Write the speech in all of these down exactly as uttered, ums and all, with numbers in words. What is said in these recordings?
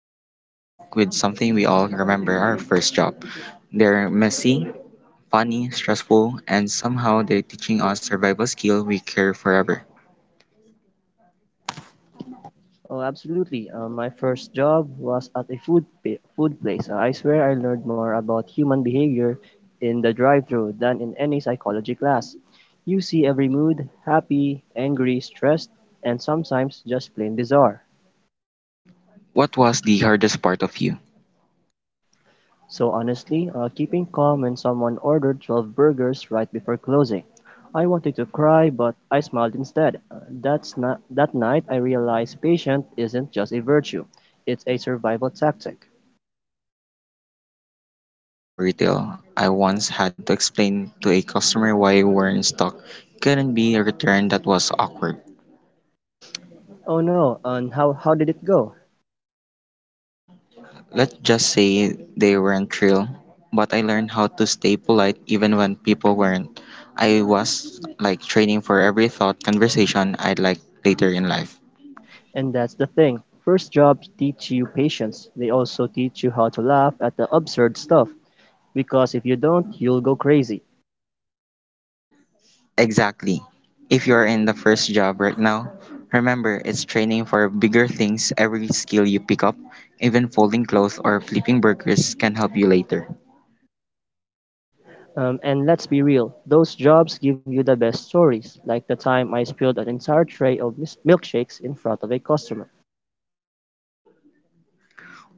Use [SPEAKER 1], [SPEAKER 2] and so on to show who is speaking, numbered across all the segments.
[SPEAKER 1] marathon talk with something we all remember our first job. They're messy, funny, stressful, and somehow they're teaching us survival skill we carry forever.
[SPEAKER 2] Oh, absolutely. Uh, my first job was at a food pa- food place. Uh, I swear I learned more about human behavior in the drive-through than in any psychology class. You see every mood, happy, angry, stressed, and sometimes just plain bizarre.
[SPEAKER 1] What was the hardest part of you?
[SPEAKER 2] So honestly, uh, keeping calm when someone ordered twelve burgers right before closing. I wanted to cry, but I smiled instead. Uh, that's not, That night, I realized patience isn't just a virtue; it's a survival tactic.
[SPEAKER 1] My first job was in retail. I once had to explain to a customer why wearing stock couldn't be returned that was awkward.
[SPEAKER 2] Oh no, and how how did it go?
[SPEAKER 1] Let's just say they weren't thrilled, but I learned how to stay polite even when people weren't. I was like training for every thought conversation I'd like later in life.
[SPEAKER 2] And that's the thing. First jobs teach you patience. They also teach you how to laugh at the absurd stuff because if you don't, you'll go crazy.
[SPEAKER 1] Exactly. If you are in the first job right now, remember it's training for bigger things. Every skill you pick up, even folding clothes or flipping burgers, can help you later.
[SPEAKER 2] Um, and let's be real, those jobs give you the best stories, like the time I spilled an entire tray of mis- milkshakes in front of a customer.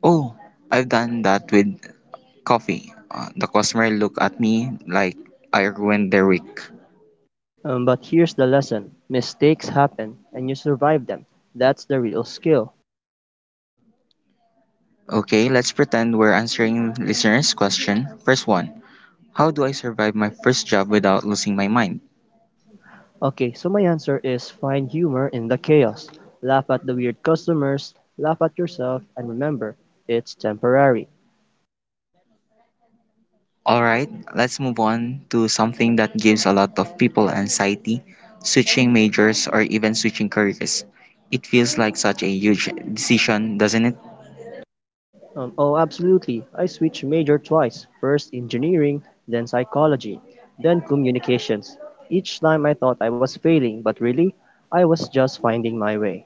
[SPEAKER 1] Oh, I've done that with coffee. Uh, the customer looked at me like I ruined their week.
[SPEAKER 2] Um, but here's the lesson mistakes happen, and you survive them. That's the real skill.
[SPEAKER 1] Okay, let's pretend we're answering listeners' question. First one, how do I survive my first job without losing my mind?
[SPEAKER 2] Okay, so my answer is find humor in the chaos. Laugh at the weird customers, laugh at yourself, and remember, it's temporary.
[SPEAKER 1] Alright, let's move on to something that gives a lot of people anxiety switching majors or even switching careers. It feels like such a huge decision, doesn't it?
[SPEAKER 2] Um, oh, absolutely. I switched major twice first engineering, then psychology, then communications. Each time I thought I was failing, but really, I was just finding my way.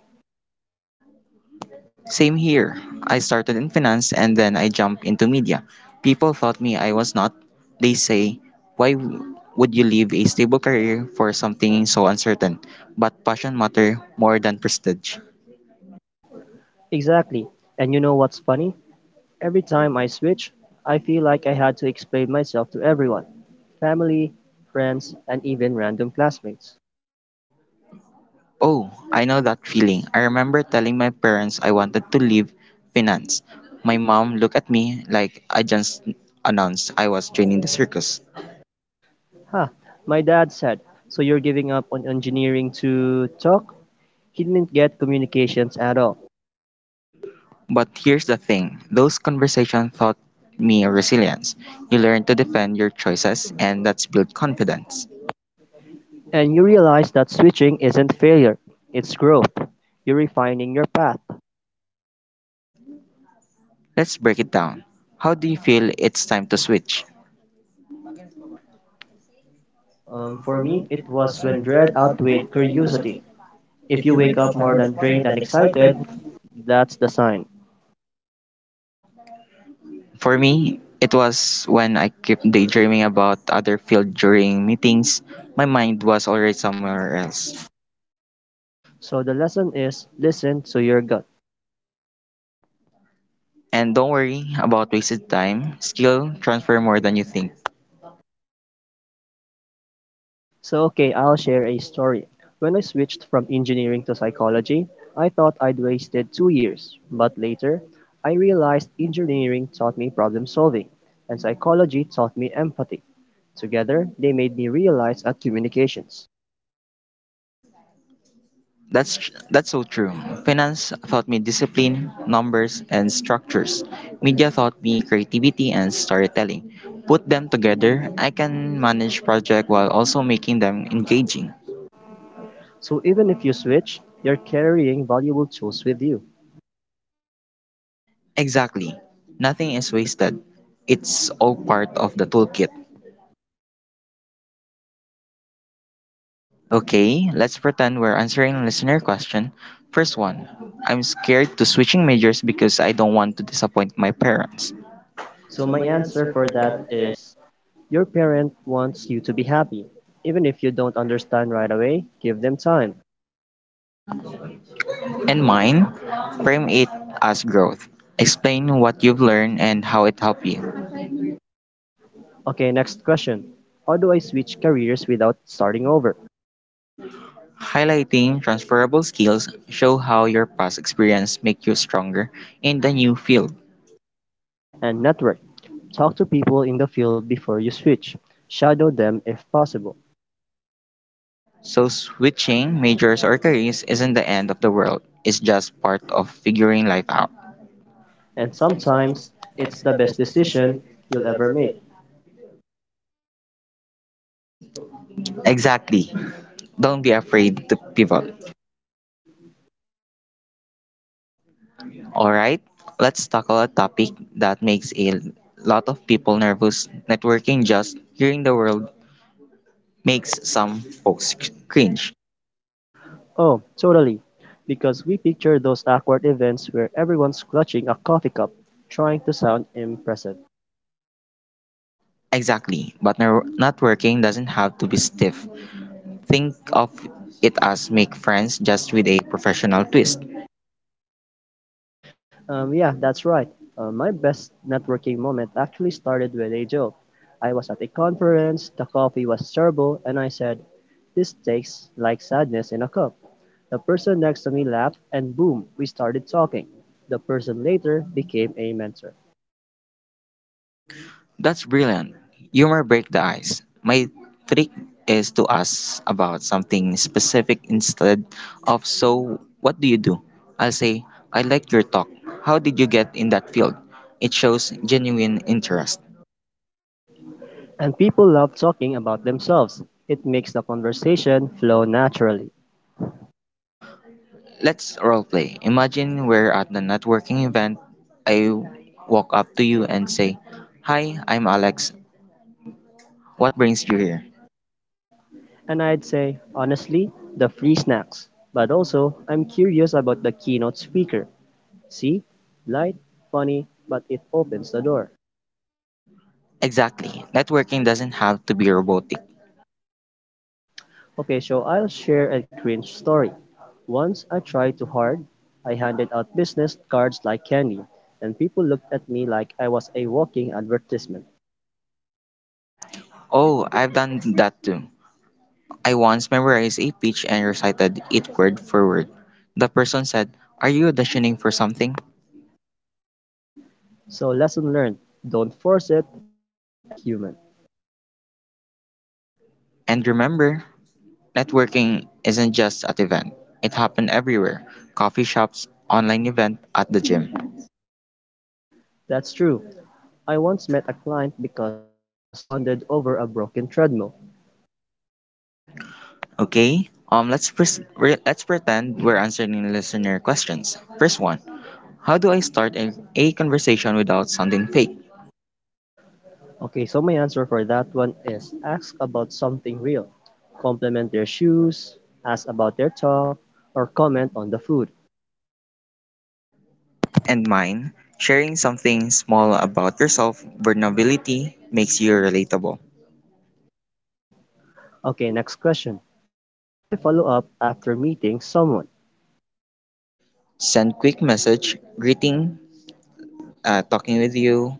[SPEAKER 1] Same here. I started in finance and then I jumped into media. People thought me I was not. They say, why w- would you leave a stable career for something so uncertain? But passion matter more than prestige.
[SPEAKER 2] Exactly. And you know what's funny? Every time I switch, I feel like I had to explain myself to everyone family, friends, and even random classmates.
[SPEAKER 1] Oh, I know that feeling. I remember telling my parents I wanted to leave finance. My mom looked at me like I just announced I was joining the circus.
[SPEAKER 2] Huh. My dad said, so you're giving up on engineering to talk? He didn't get communications at all.
[SPEAKER 1] But here's the thing, those conversations taught me resilience. You learn to defend your choices, and that's built confidence.
[SPEAKER 2] And you realize that switching isn't failure, it's growth. You're refining your path.
[SPEAKER 1] Let's break it down. How do you feel it's time to switch?
[SPEAKER 2] Um,
[SPEAKER 1] Um,
[SPEAKER 2] for
[SPEAKER 1] for
[SPEAKER 2] me,
[SPEAKER 1] me,
[SPEAKER 2] it
[SPEAKER 1] it
[SPEAKER 2] was
[SPEAKER 1] was
[SPEAKER 2] when
[SPEAKER 1] when
[SPEAKER 2] dread
[SPEAKER 1] dread
[SPEAKER 2] outweighed
[SPEAKER 1] outweighed
[SPEAKER 2] curiosity.
[SPEAKER 1] curiosity.
[SPEAKER 2] If
[SPEAKER 1] If
[SPEAKER 2] you
[SPEAKER 1] you
[SPEAKER 2] wake
[SPEAKER 1] wake
[SPEAKER 2] up
[SPEAKER 1] up
[SPEAKER 2] more
[SPEAKER 1] more than
[SPEAKER 2] than drained
[SPEAKER 1] drained
[SPEAKER 2] and
[SPEAKER 1] and excited,
[SPEAKER 2] excited, that's the sign.
[SPEAKER 1] for me, it was when I kept daydreaming about other field during meetings. My mind was already somewhere else.
[SPEAKER 2] So the lesson is listen to your gut.
[SPEAKER 1] And don't worry about wasted time. Skill transfer more than you think.
[SPEAKER 2] So, okay, I'll share a story. When I switched from engineering to psychology, I thought I'd wasted two years, but later, I realized engineering taught me problem solving, and psychology taught me empathy. Together, they made me realize at communications.
[SPEAKER 1] That's tr- that's so true. Finance taught me discipline, numbers, and structures. Media taught me creativity and storytelling. Put them together, I can manage project while also making them engaging.
[SPEAKER 2] So, even if you switch, you're carrying valuable tools with you.
[SPEAKER 1] Exactly. Nothing is wasted. It's all part of the toolkit. Okay, let's pretend we're answering listener question. First one. I'm scared to switching majors because I don't want to disappoint my parents.
[SPEAKER 2] So, my answer for that is your parent wants you to be happy. Even if you don't understand right away, give them time.
[SPEAKER 1] And mine, frame it as growth. Explain what you've learned and how it helped you.
[SPEAKER 2] Okay, next question. How do I switch careers without starting over?
[SPEAKER 1] Highlighting transferable skills show how your past experience make you stronger in the new field.
[SPEAKER 2] And network. Talk to people in the field before you switch. Shadow them if possible.
[SPEAKER 1] So switching majors or careers isn't the end of the world. It's just part of figuring life out.
[SPEAKER 2] And
[SPEAKER 1] And
[SPEAKER 2] sometimes
[SPEAKER 1] sometimes
[SPEAKER 2] it's
[SPEAKER 1] it's
[SPEAKER 2] the
[SPEAKER 1] the
[SPEAKER 2] best
[SPEAKER 1] best
[SPEAKER 2] decision
[SPEAKER 1] decision
[SPEAKER 2] you'll
[SPEAKER 1] you'll
[SPEAKER 2] ever
[SPEAKER 1] ever
[SPEAKER 2] make.
[SPEAKER 1] make. Exactly. Don't be afraid to pivot. All right, let's tackle a topic that makes a lot of people nervous. Networking just hearing the word makes some folks cringe.
[SPEAKER 2] Oh, totally. Because we picture those awkward events where everyone's clutching a coffee cup, trying to sound impressive.
[SPEAKER 1] Exactly, but ner- networking doesn't have to be stiff. Think of it as make friends just with a professional twist.
[SPEAKER 2] Um, yeah, that's right. Uh, my best networking moment actually started with a joke. I was at a conference, the coffee was terrible, and I said, this tastes like sadness in a cup. The person next to me laughed, and boom, we started talking. The person later became a mentor.
[SPEAKER 1] That's brilliant. Humor break the ice. My trick is to ask about something specific instead of so what do you do? I'll say I like your talk. How did you get in that field? It shows genuine interest.
[SPEAKER 2] And people love talking about themselves. It makes the conversation flow naturally.
[SPEAKER 1] Let's roleplay. Imagine we're at the networking event. I walk up to you and say, "Hi, I'm Alex. What brings you here?"
[SPEAKER 2] And I'd say, honestly, the free snacks. But also, I'm curious about the keynote speaker. See? Light, funny, but it opens the door.
[SPEAKER 1] Exactly. Networking doesn't have to be robotic.
[SPEAKER 2] Okay, so I'll share a cringe story. Once I tried too hard, I handed out business cards like candy, and people looked at me like I was a walking advertisement.
[SPEAKER 1] Oh, I've done that too. I once memorized a pitch and recited it word for word. The person said, are you auditioning for something?
[SPEAKER 2] So, lesson learned don't force it and be human.
[SPEAKER 1] And remember, networking isn't just at event. It happened everywhere. Coffee shops, online event, at the gym.
[SPEAKER 2] That's true. I once met a client because uh, we bonded over a broken treadmill.
[SPEAKER 1] Okay? Um let's pres re- let's pretend we're answering listener questions. First one. How do I start a, a conversation without sounding fake?
[SPEAKER 2] Okay, so my answer for that one is ask about something real. Compliment their shoes, ask about their talk, or comment on the food.
[SPEAKER 1] And mine, sharing something small about yourself, vulnerability makes you relatable.
[SPEAKER 2] Okay, next question. How do I follow up after meeting someone?
[SPEAKER 1] Send quick message, greeting, uh, talking with you.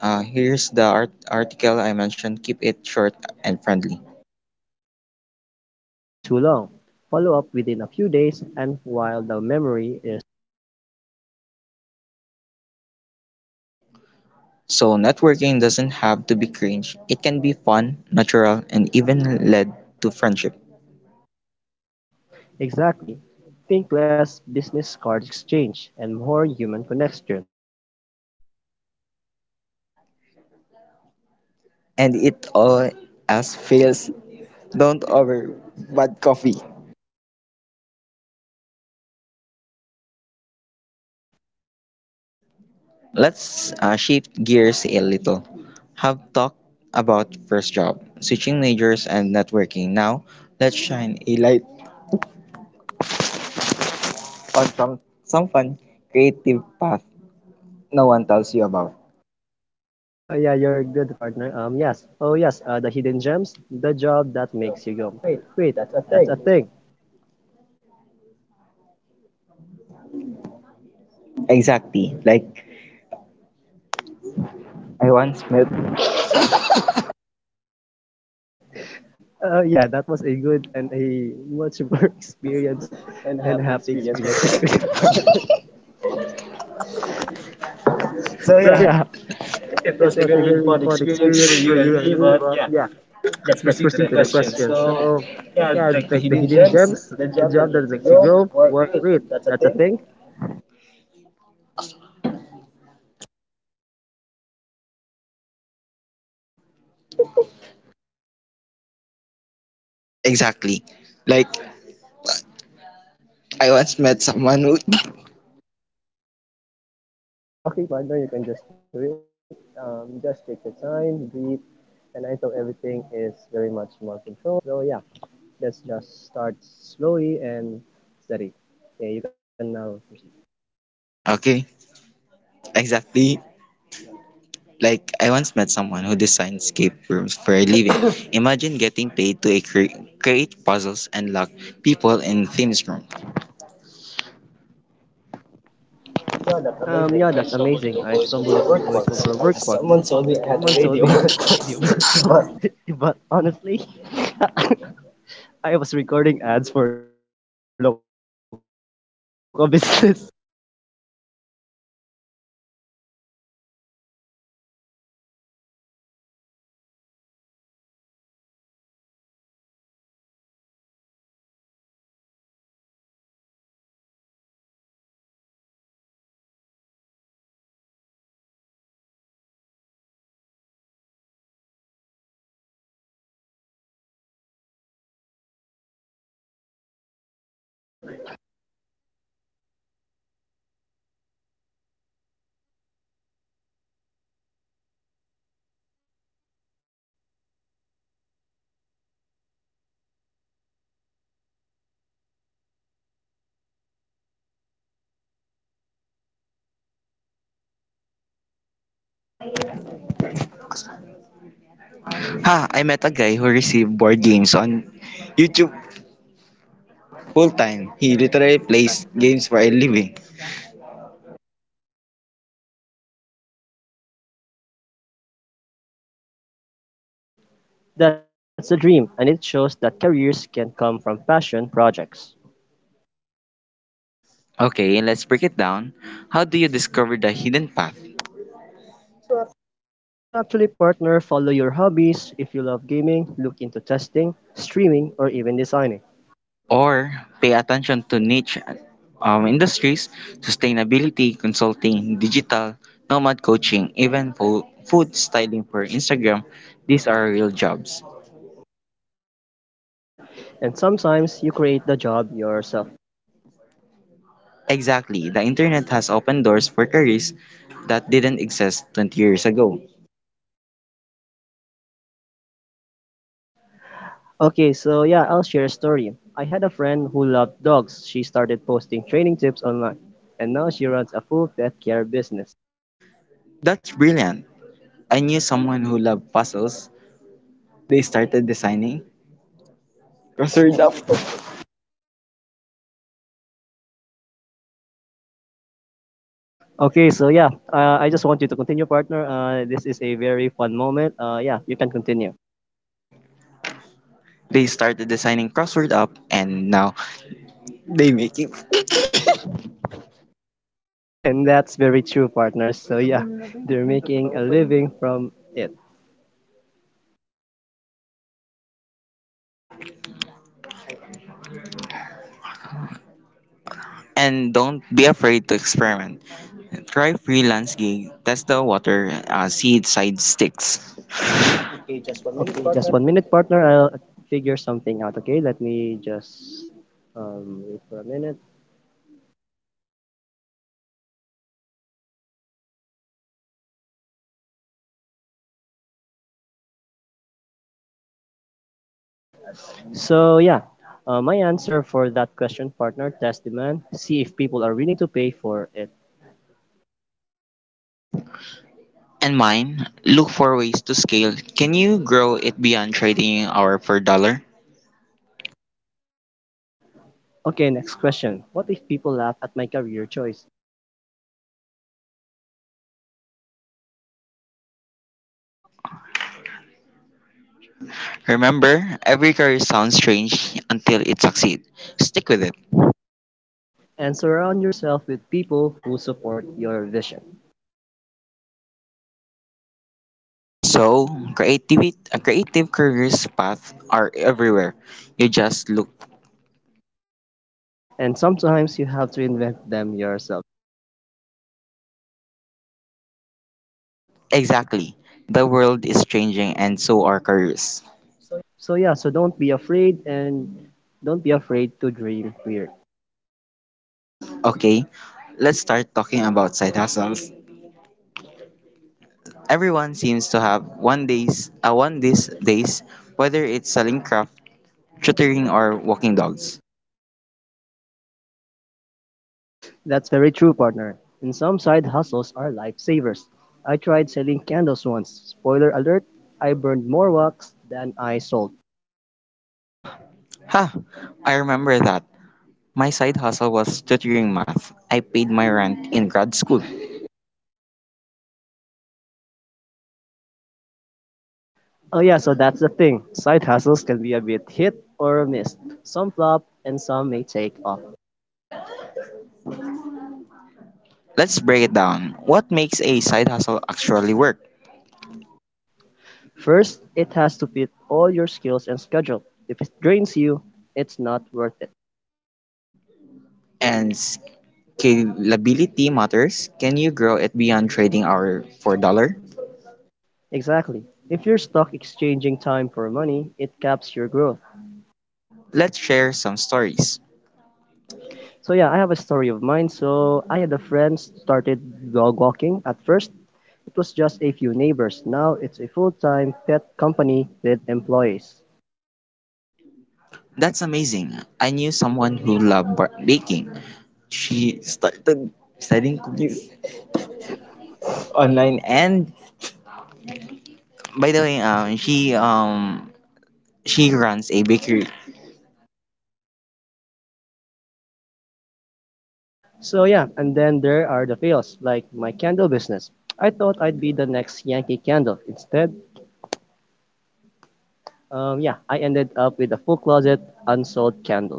[SPEAKER 1] Uh, here's the art- article I mentioned. Keep it short and friendly.
[SPEAKER 2] And don't wait too long. Follow up within a few days and while the memory is
[SPEAKER 1] So networking doesn't have to be cringe. It can be fun, natural, and even lead to friendship.
[SPEAKER 2] exactly. Think less business card exchange and more human connection.
[SPEAKER 1] And it all as fails. Don't over bad coffee.
[SPEAKER 2] And it works every time.
[SPEAKER 1] Let's uh, shift gears a little. Have talked about first job, switching majors, and networking. Now let's shine A a light or from some fun, creative path no one tells you about.
[SPEAKER 2] Oh yeah, you're good, partner. Um, yes. Oh yes. Uh, the hidden gems, the
[SPEAKER 1] That
[SPEAKER 2] job that
[SPEAKER 1] makes you go,
[SPEAKER 2] makes you go,
[SPEAKER 1] wait,
[SPEAKER 2] wait,
[SPEAKER 1] that's a
[SPEAKER 2] that's a
[SPEAKER 1] thing.
[SPEAKER 2] thing.
[SPEAKER 1] Exactly. Like, I once met.
[SPEAKER 2] Uh, yeah, that was a good and a much more
[SPEAKER 1] Experience
[SPEAKER 2] experience
[SPEAKER 1] and
[SPEAKER 2] and
[SPEAKER 1] have the
[SPEAKER 2] happy
[SPEAKER 1] experience for
[SPEAKER 2] experience for
[SPEAKER 1] this.
[SPEAKER 2] people.
[SPEAKER 1] So
[SPEAKER 2] So
[SPEAKER 1] yeah,
[SPEAKER 2] yeah,
[SPEAKER 1] it
[SPEAKER 2] it
[SPEAKER 1] was a
[SPEAKER 2] was a
[SPEAKER 1] very
[SPEAKER 2] very
[SPEAKER 1] fun
[SPEAKER 2] fun
[SPEAKER 1] experience for
[SPEAKER 2] experience for
[SPEAKER 1] you and
[SPEAKER 2] you and
[SPEAKER 1] me,
[SPEAKER 2] me.
[SPEAKER 1] but
[SPEAKER 2] But
[SPEAKER 1] yeah,
[SPEAKER 2] yeah,
[SPEAKER 1] let's
[SPEAKER 2] let's
[SPEAKER 1] proceed to
[SPEAKER 2] proceed
[SPEAKER 1] the
[SPEAKER 2] to the
[SPEAKER 1] question.
[SPEAKER 2] question.
[SPEAKER 1] So
[SPEAKER 2] So
[SPEAKER 1] yeah,
[SPEAKER 2] yeah,
[SPEAKER 1] like the
[SPEAKER 2] like the
[SPEAKER 1] hidden
[SPEAKER 2] hidden
[SPEAKER 1] gems,
[SPEAKER 2] gems,
[SPEAKER 1] the
[SPEAKER 2] the
[SPEAKER 1] job that
[SPEAKER 2] job that
[SPEAKER 1] makes you
[SPEAKER 2] makes you
[SPEAKER 1] go,
[SPEAKER 2] go,
[SPEAKER 1] or
[SPEAKER 2] wait, wait,
[SPEAKER 1] wait, that's a
[SPEAKER 2] that's a
[SPEAKER 1] thing.
[SPEAKER 2] thing.
[SPEAKER 1] Exactly. Like, I once met someone who.
[SPEAKER 2] Okay, partner, you can just do it. Um, just take your time, breathe, and I thought everything is very much more controlled. So yeah, let's just start slowly and steady. Okay, you can now proceed.
[SPEAKER 1] Okay. Exactly. Like, I once met someone who designed escape rooms for a living. Imagine getting paid to cre- create puzzles and lock people in themes room. Yeah, that's amazing.
[SPEAKER 2] Um,
[SPEAKER 1] I
[SPEAKER 2] yeah,
[SPEAKER 1] stumbled
[SPEAKER 2] that's
[SPEAKER 1] into
[SPEAKER 2] amazing. I
[SPEAKER 1] voiceover
[SPEAKER 2] stumbled
[SPEAKER 1] work
[SPEAKER 2] into
[SPEAKER 1] once. Uh,
[SPEAKER 2] voiceover work
[SPEAKER 1] Someone told
[SPEAKER 2] once.
[SPEAKER 1] me I had a
[SPEAKER 2] Someone
[SPEAKER 1] radio
[SPEAKER 2] told
[SPEAKER 1] work
[SPEAKER 2] me I had a radio
[SPEAKER 1] once. But
[SPEAKER 2] personality, but honestly, I was recording ads for local business. So how about you, bro? Uh, do you have something to say? Kasagitan ni bro. Jawa, di mo nakatumong tawa, tawa ni bro? Nag-loading. Uy, nag-reconnect niya siya. Reconnecting na siya. Gagusigat. Oh yeah, so right. Uh, nobody tells you this past exists when you're in school. You hear about doctors, lawyers, and teachers, but not professional Lego builder or pet influencer. How about you, partner?
[SPEAKER 1] ha! I met a guy who received board games on YouTube full time. He literally plays games for a living.
[SPEAKER 2] That's a dream, and it shows that careers can come from passion projects.
[SPEAKER 1] Okay, let's break it down. How do you discover the hidden path?
[SPEAKER 2] So actually, partner, follow your hobbies. If you love gaming, look into testing, streaming, or even designing.
[SPEAKER 1] Or pay attention to niche um, industries, sustainability consulting, digital, nomad coaching, even fo- food styling for Instagram. These are real jobs.
[SPEAKER 2] And sometimes you create the job yourself.
[SPEAKER 1] Exactly, the internet has opened doors for careers that didn't exist twenty years ago.
[SPEAKER 2] Okay, so yeah, I'll share a story. I had a friend who loved dogs. She started posting training tips online, and now she runs a full pet care business.
[SPEAKER 1] That's brilliant. I knew someone who loved puzzles. They started designing crossword up.
[SPEAKER 2] Okay, so yeah, uh, I just want you to continue, partner. Uh, this is a very fun moment. Uh, yeah, you can continue.
[SPEAKER 1] They started designing crossword up and now they making.
[SPEAKER 2] And that's very true, partner. So yeah, they're making a living from it.
[SPEAKER 1] And don't be afraid to experiment. Try freelance gig, test the water, uh, see if side sticks. Okay, just one minute,
[SPEAKER 2] Okay,
[SPEAKER 1] partner.
[SPEAKER 2] just one minute, partner. I'll figure something out. Okay, let me just um, wait for a minute. So yeah, uh, my answer for that question, partner, test demand. See if people are willing to pay for it.
[SPEAKER 1] And mine, look for ways to scale. Can you grow it beyond trading hour per dollar?
[SPEAKER 2] Okay, next question. What if people laugh at my career choice?
[SPEAKER 1] Remember, every career sounds strange until it succeeds. Stick with it.
[SPEAKER 2] And surround yourself with people who support your vision.
[SPEAKER 1] So, creativity, creative careers paths are everywhere. You just look.
[SPEAKER 2] And sometimes you have to invent them yourself.
[SPEAKER 1] Exactly. The world is changing and so are careers.
[SPEAKER 2] So yeah, so don't be afraid and don't be afraid to dream weird.
[SPEAKER 1] Okay, let's start talking about side hustles. Everyone seems to have one days uh, one these days, whether it's selling craft, tutoring, or walking dogs.
[SPEAKER 2] That's very true, partner. And some side hustles are lifesavers. I tried selling candles once. Spoiler alert, I burned more wax than I sold.
[SPEAKER 1] Ha! I remember that. My side hustle was tutoring math. I paid my rent in grad school.
[SPEAKER 2] Oh yeah, so that's the thing. Side hustles can be a bit hit or miss. Some flop and some may take off.
[SPEAKER 1] Let's break it down. What makes a side hustle actually work?
[SPEAKER 2] First, it has to fit all your skills and schedule. If it drains you, it's not worth it.
[SPEAKER 1] And scalability matters. Can you grow it beyond trading hour for dollar?
[SPEAKER 2] Exactly. If you're stuck exchanging time for money, it caps your growth.
[SPEAKER 1] Let's share some stories.
[SPEAKER 2] So yeah, I have a story of mine. So I had a friend started dog walking at first. It was just a few neighbors. Now it's a full-time pet company with employees.
[SPEAKER 1] That's amazing. I knew someone who loved bar- baking. She started studying cookies online and by the way, um she um she runs a bakery.
[SPEAKER 2] So yeah, and then there are the fails, like my candle business. I thought I'd be the next Yankee Candle. Instead, um, yeah, I ended up with a full closet unsold candle.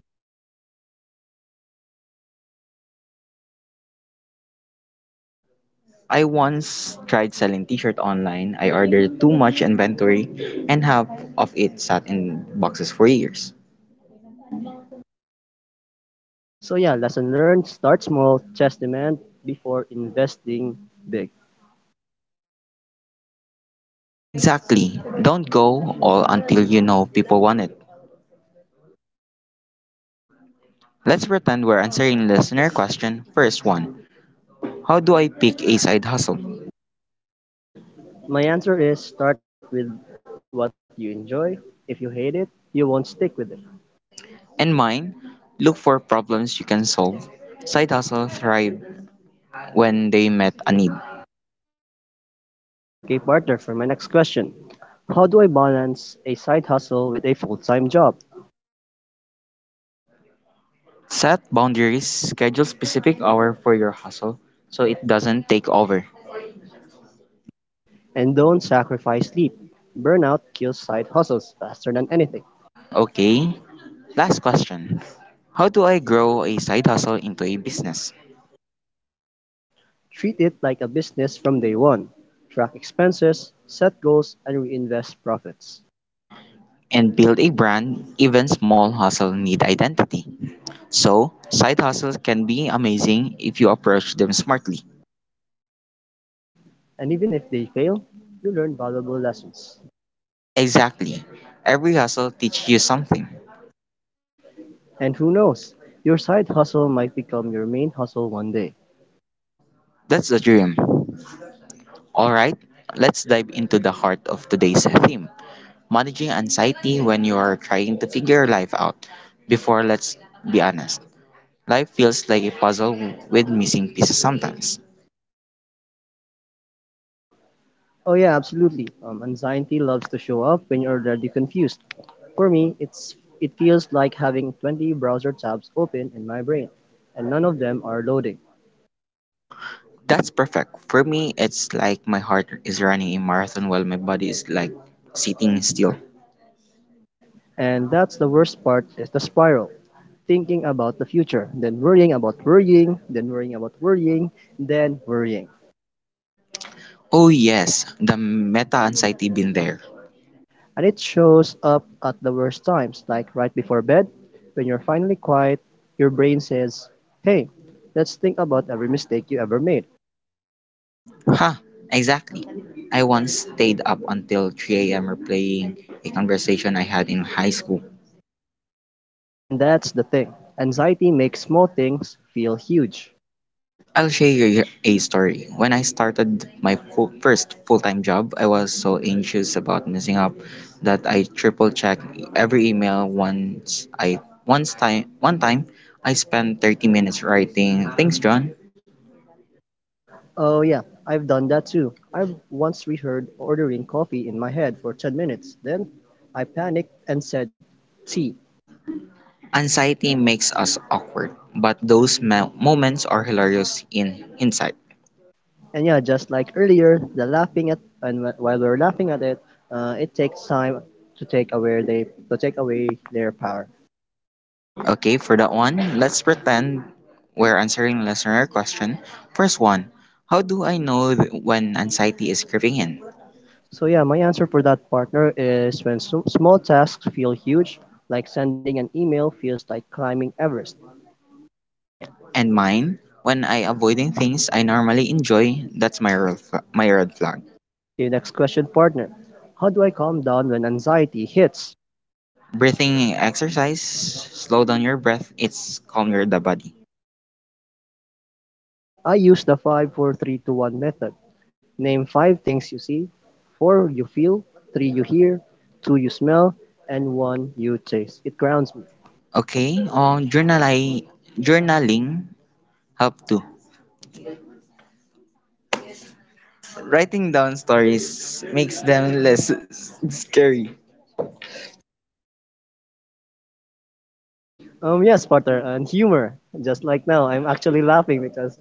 [SPEAKER 1] I once tried selling t-shirt online. I ordered too much inventory and half of it sat in boxes for years.
[SPEAKER 2] So yeah, lesson learned: start small, test demand before investing big.
[SPEAKER 1] Exactly. Don't go all until you know people want it. Let's pretend we're answering listener question. First one. How do I pick a side hustle?
[SPEAKER 2] My answer is start with what you enjoy. If you hate it, you won't stick with it.
[SPEAKER 1] In mind, look for problems you can solve. Side hustle thrive when they met a need.
[SPEAKER 2] Okay, partner, for my next question. How do I balance a side hustle with a full-time job?
[SPEAKER 1] Set boundaries, schedule specific hour for your hustle so it doesn't take over.
[SPEAKER 2] And don't sacrifice sleep. Burnout kills side hustles faster than anything.
[SPEAKER 1] Okay, last question. How do I grow a side hustle into a business
[SPEAKER 2] Treat it like a business from day one. Track expenses, set goals, and reinvest profits.
[SPEAKER 1] and build a brand? Even small hustle need identity. So, side hustles can be amazing if you approach them smartly.
[SPEAKER 2] And even if they fail, you learn valuable lessons.
[SPEAKER 1] Exactly. Every hustle teaches you something.
[SPEAKER 2] And who knows, your side hustle might become your main hustle one day.
[SPEAKER 1] That's the dream. Alright, let's dive into the heart of today's theme managing anxiety when you are trying to figure life out. Before, let's be honest, life feels like a puzzle with missing pieces sometimes.
[SPEAKER 2] Oh, yeah, absolutely. Um, anxiety loves to show up when you're already confused. For me, it's it feels like having twenty browser tabs open in my brain, and none of them are loading.
[SPEAKER 1] That's perfect. For me, it's like my heart is running a marathon while my body is like sitting still.
[SPEAKER 2] And that's the worst part is the spiral. Thinking about the future, then worrying about worrying, then worrying about worrying, then worrying.
[SPEAKER 1] Oh, yes, the meta anxiety been there.
[SPEAKER 2] And it shows up at the worst times, like right before bed, when you're finally quiet, your brain says, hey, let's think about every mistake you ever made.
[SPEAKER 1] Huh, exactly. I once stayed up until three a m replaying a conversation I had in high school.
[SPEAKER 2] And that's the thing. Anxiety makes small things feel huge.
[SPEAKER 1] I'll share a story. When I started my full, first full time job, I was so anxious about messing up that I triple checked every email once I once time one time I spent thirty minutes writing thanks John.
[SPEAKER 2] Oh, yeah, I've done that too. I've once reheard ordering coffee in my head for ten minutes. Then I panicked and said tea.
[SPEAKER 1] Anxiety makes us awkward, but those mo- moments are hilarious in hindsight.
[SPEAKER 2] And yeah, just like earlier, the laughing at and wh- while we're laughing at it, uh, it takes time to take away they to take away their power.
[SPEAKER 1] Okay, for that one, let's pretend we're answering listener question. First one, how do I know th- when anxiety is creeping in?
[SPEAKER 2] So yeah, my answer for that partner is when s- small tasks feel huge, like sending an email feels like climbing Everest.
[SPEAKER 1] And mine, when I avoiding things I normally enjoy, that's my red flag, my red flag.
[SPEAKER 2] Okay, next question, partner. How do I calm down when anxiety hits?
[SPEAKER 1] Breathing exercise, slow down your breath, it's calm your the body.
[SPEAKER 2] I use the five, four, three, two, one method. Name five things you see, four you feel, three you hear, two you smell, and one you taste. It grounds me.
[SPEAKER 1] Okay, um, journali- journaling help too. Writing down stories makes them less s- scary.
[SPEAKER 2] Um, yes, partner, and humor. Just like now, I'm actually laughing because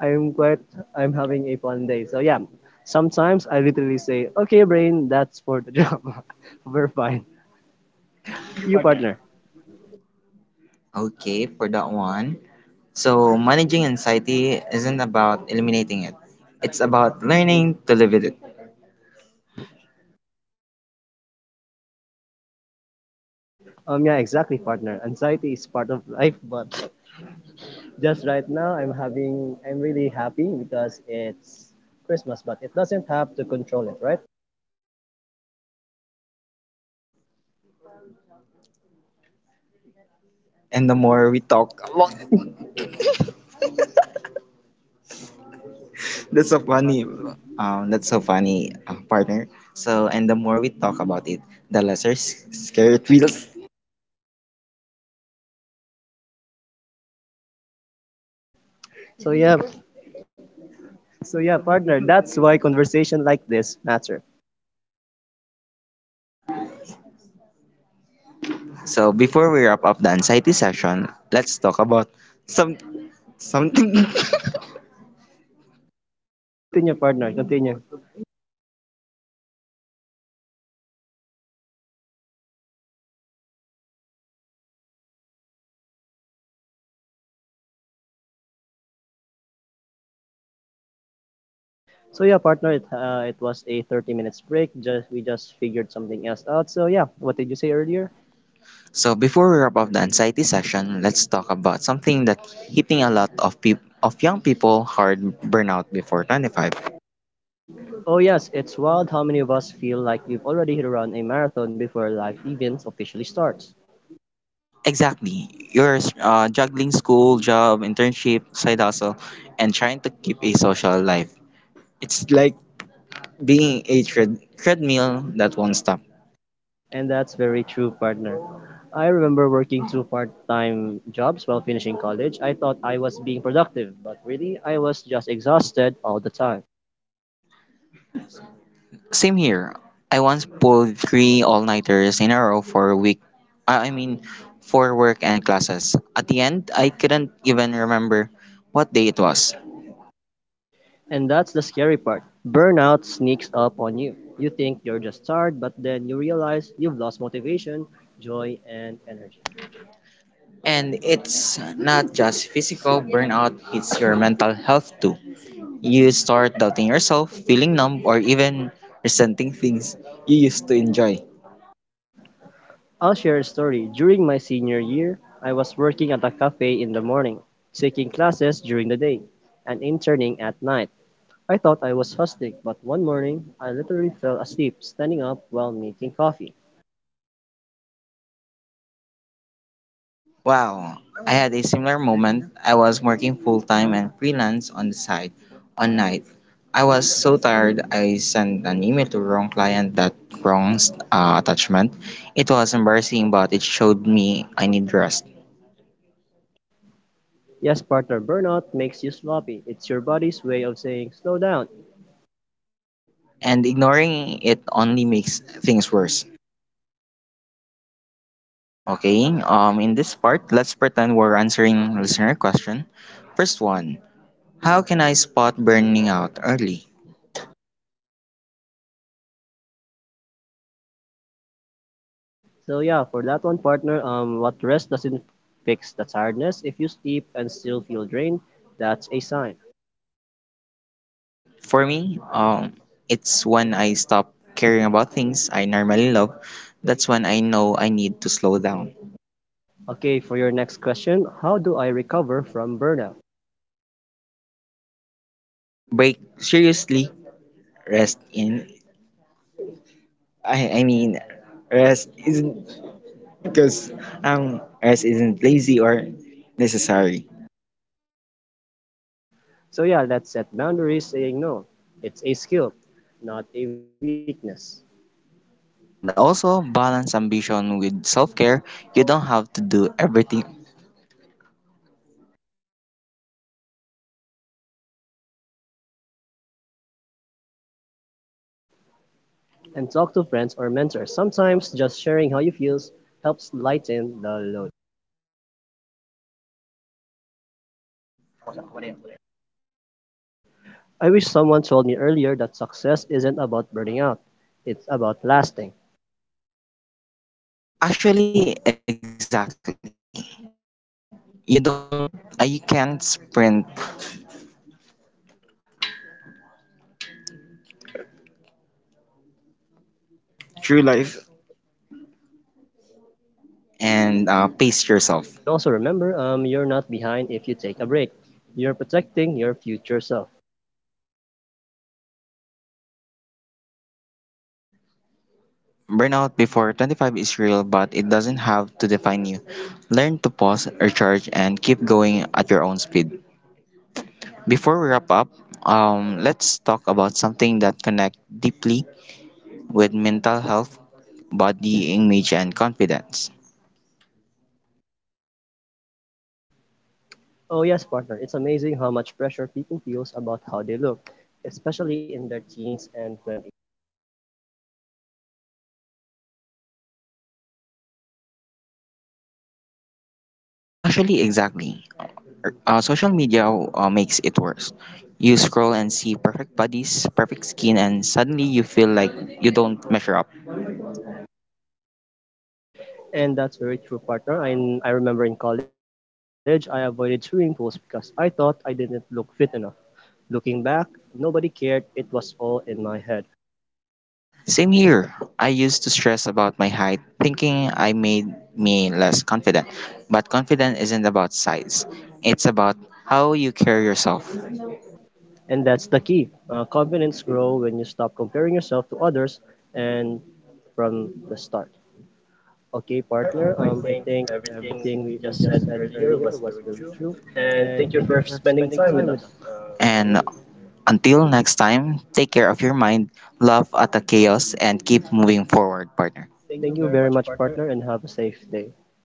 [SPEAKER 2] I'm quite I'm having a fun day. So yeah, sometimes I literally say, "Okay, brain, that's for the job. We're fine." You, partner.
[SPEAKER 1] Okay, for that one. So, managing anxiety isn't about eliminating it. It's about learning to live with it.
[SPEAKER 2] Um, yeah, exactly, partner. Anxiety is part of life, but just right now, I'm having I'm really happy because it's Christmas, but it doesn't have to control it, right?
[SPEAKER 1] And the more we talk about that's so funny. Um, that's so funny, uh, partner. So, and the more we talk about it, the lesser s- scary it feels.
[SPEAKER 2] So yeah, so yeah, partner. That's why conversation like this matter.
[SPEAKER 1] So, before we wrap up the anxiety session, let's talk about some something.
[SPEAKER 2] Okay, continue, partner. Continue. So yeah, partner, it uh, it was a thirty minutes break. Just we just figured something else out. So yeah, what did you say earlier?
[SPEAKER 1] So, before we wrap up the anxiety session, let's talk about something that hitting a lot of people of young people hard burnout before twenty-five.
[SPEAKER 2] Oh yes, it's wild how many of us feel like we've already hit around a marathon before life even officially starts.
[SPEAKER 1] Exactly. You're uh, juggling school, job, internship, side hustle, and trying to keep a social life. It's like being a tread- treadmill that won't stop.
[SPEAKER 2] And that's very true, partner. I remember working two part-time jobs while finishing college. I thought I was being productive, but really I was just exhausted all the time.
[SPEAKER 1] Same here. I once pulled three all-nighters in a row for a week. I I mean, for work and classes. At the end, I couldn't even remember what day it was.
[SPEAKER 2] And that's the scary part. Burnout sneaks up on you. You think you're just tired, but then you realize you've lost motivation, joy, and energy.
[SPEAKER 1] And it's not just physical burnout, it's your mental health too. You start doubting yourself, feeling numb, or even resenting things you used to enjoy.
[SPEAKER 2] I'll share a story. During my senior year, I was working at a cafe in the morning, taking classes during the day, and interning at night. I thought I was hustling, but one morning, I literally fell asleep standing up while making coffee.
[SPEAKER 1] Wow, I had a similar moment. I was working full time and freelance on the side on night. I was so tired I sent an email to wrong client that wrong uh, attachment. It was embarrassing but it showed me I need rest.
[SPEAKER 2] Yes, partner, burnout makes you sloppy. It's your body's way of saying, slow down.
[SPEAKER 1] And ignoring it only makes things worse. Okay, um in this part, let's pretend we're answering listener question. First one, how can I spot burning out early?
[SPEAKER 2] So yeah, for that one, partner, um, what rest doesn't fix the tiredness. If you sleep and still feel drained, that's a sign.
[SPEAKER 1] For me, um, it's when I stop caring about things I normally love. That's when I know I need to slow down.
[SPEAKER 2] Okay, for your next question, how do I recover from burnout?
[SPEAKER 1] I think take a break. Break seriously. Rest in. I, I mean, rest isn't because um rest isn't lazy or necessary.
[SPEAKER 2] So yeah, let's set boundaries saying no. It's a skill, not a weakness.
[SPEAKER 1] And also balance ambition with self care. You don't have to do everything.
[SPEAKER 2] And talk to friends or mentors. Sometimes just sharing how you feel helps lighten the load. I wish someone told me earlier that success isn't about burning out. It's about lasting.
[SPEAKER 1] Actually, exactly. You don't. Uh, you can't sprint through life and uh, pace yourself.
[SPEAKER 2] And also remember, um, you're not behind if you take a break. You're protecting your future self.
[SPEAKER 1] Burnout before twenty-five is real, but it doesn't have to define you. Learn to pause, recharge, and keep going at your own speed. Before we wrap up, um, let's talk about something that connects deeply with mental health, body image, and confidence.
[SPEAKER 2] Oh yes, partner, it's amazing how much pressure people feels about how they look, especially in their teens and twenties.
[SPEAKER 1] Actually, exactly. Uh, social media uh, makes it worse. You scroll and see perfect bodies, perfect skin, and suddenly you feel like you don't measure up.
[SPEAKER 2] And that's very true, partner. I, I remember in college, I avoided swimming pools because I thought I didn't look fit enough. Looking back, nobody cared. It was all in my head.
[SPEAKER 1] Same here. I used to stress about my height, thinking I made me less confident. But confidence isn't about size. It's about how you carry yourself.
[SPEAKER 2] And that's the key. Uh, confidence grow when you stop comparing yourself to others and from the start.
[SPEAKER 1] Hey,
[SPEAKER 2] Okay,
[SPEAKER 1] partner. Um, I
[SPEAKER 2] partner. Um,
[SPEAKER 1] think
[SPEAKER 2] I think
[SPEAKER 1] everything we we
[SPEAKER 2] everything we,
[SPEAKER 1] just
[SPEAKER 2] we
[SPEAKER 1] said
[SPEAKER 2] just said
[SPEAKER 1] earlier was
[SPEAKER 2] earlier
[SPEAKER 1] very
[SPEAKER 2] was
[SPEAKER 1] true.
[SPEAKER 2] very true.
[SPEAKER 1] And thank you
[SPEAKER 2] And
[SPEAKER 1] for
[SPEAKER 2] thank you for
[SPEAKER 1] spending time with
[SPEAKER 2] spending
[SPEAKER 1] us.
[SPEAKER 2] time with us.
[SPEAKER 1] Um, And
[SPEAKER 2] Um, yeah.
[SPEAKER 1] until next time, take care of your mind, laugh at the chaos, and keep moving forward, partner. Thank you very
[SPEAKER 2] Thank you
[SPEAKER 1] much,
[SPEAKER 2] very
[SPEAKER 1] partner.
[SPEAKER 2] much, partner, and have a safe day.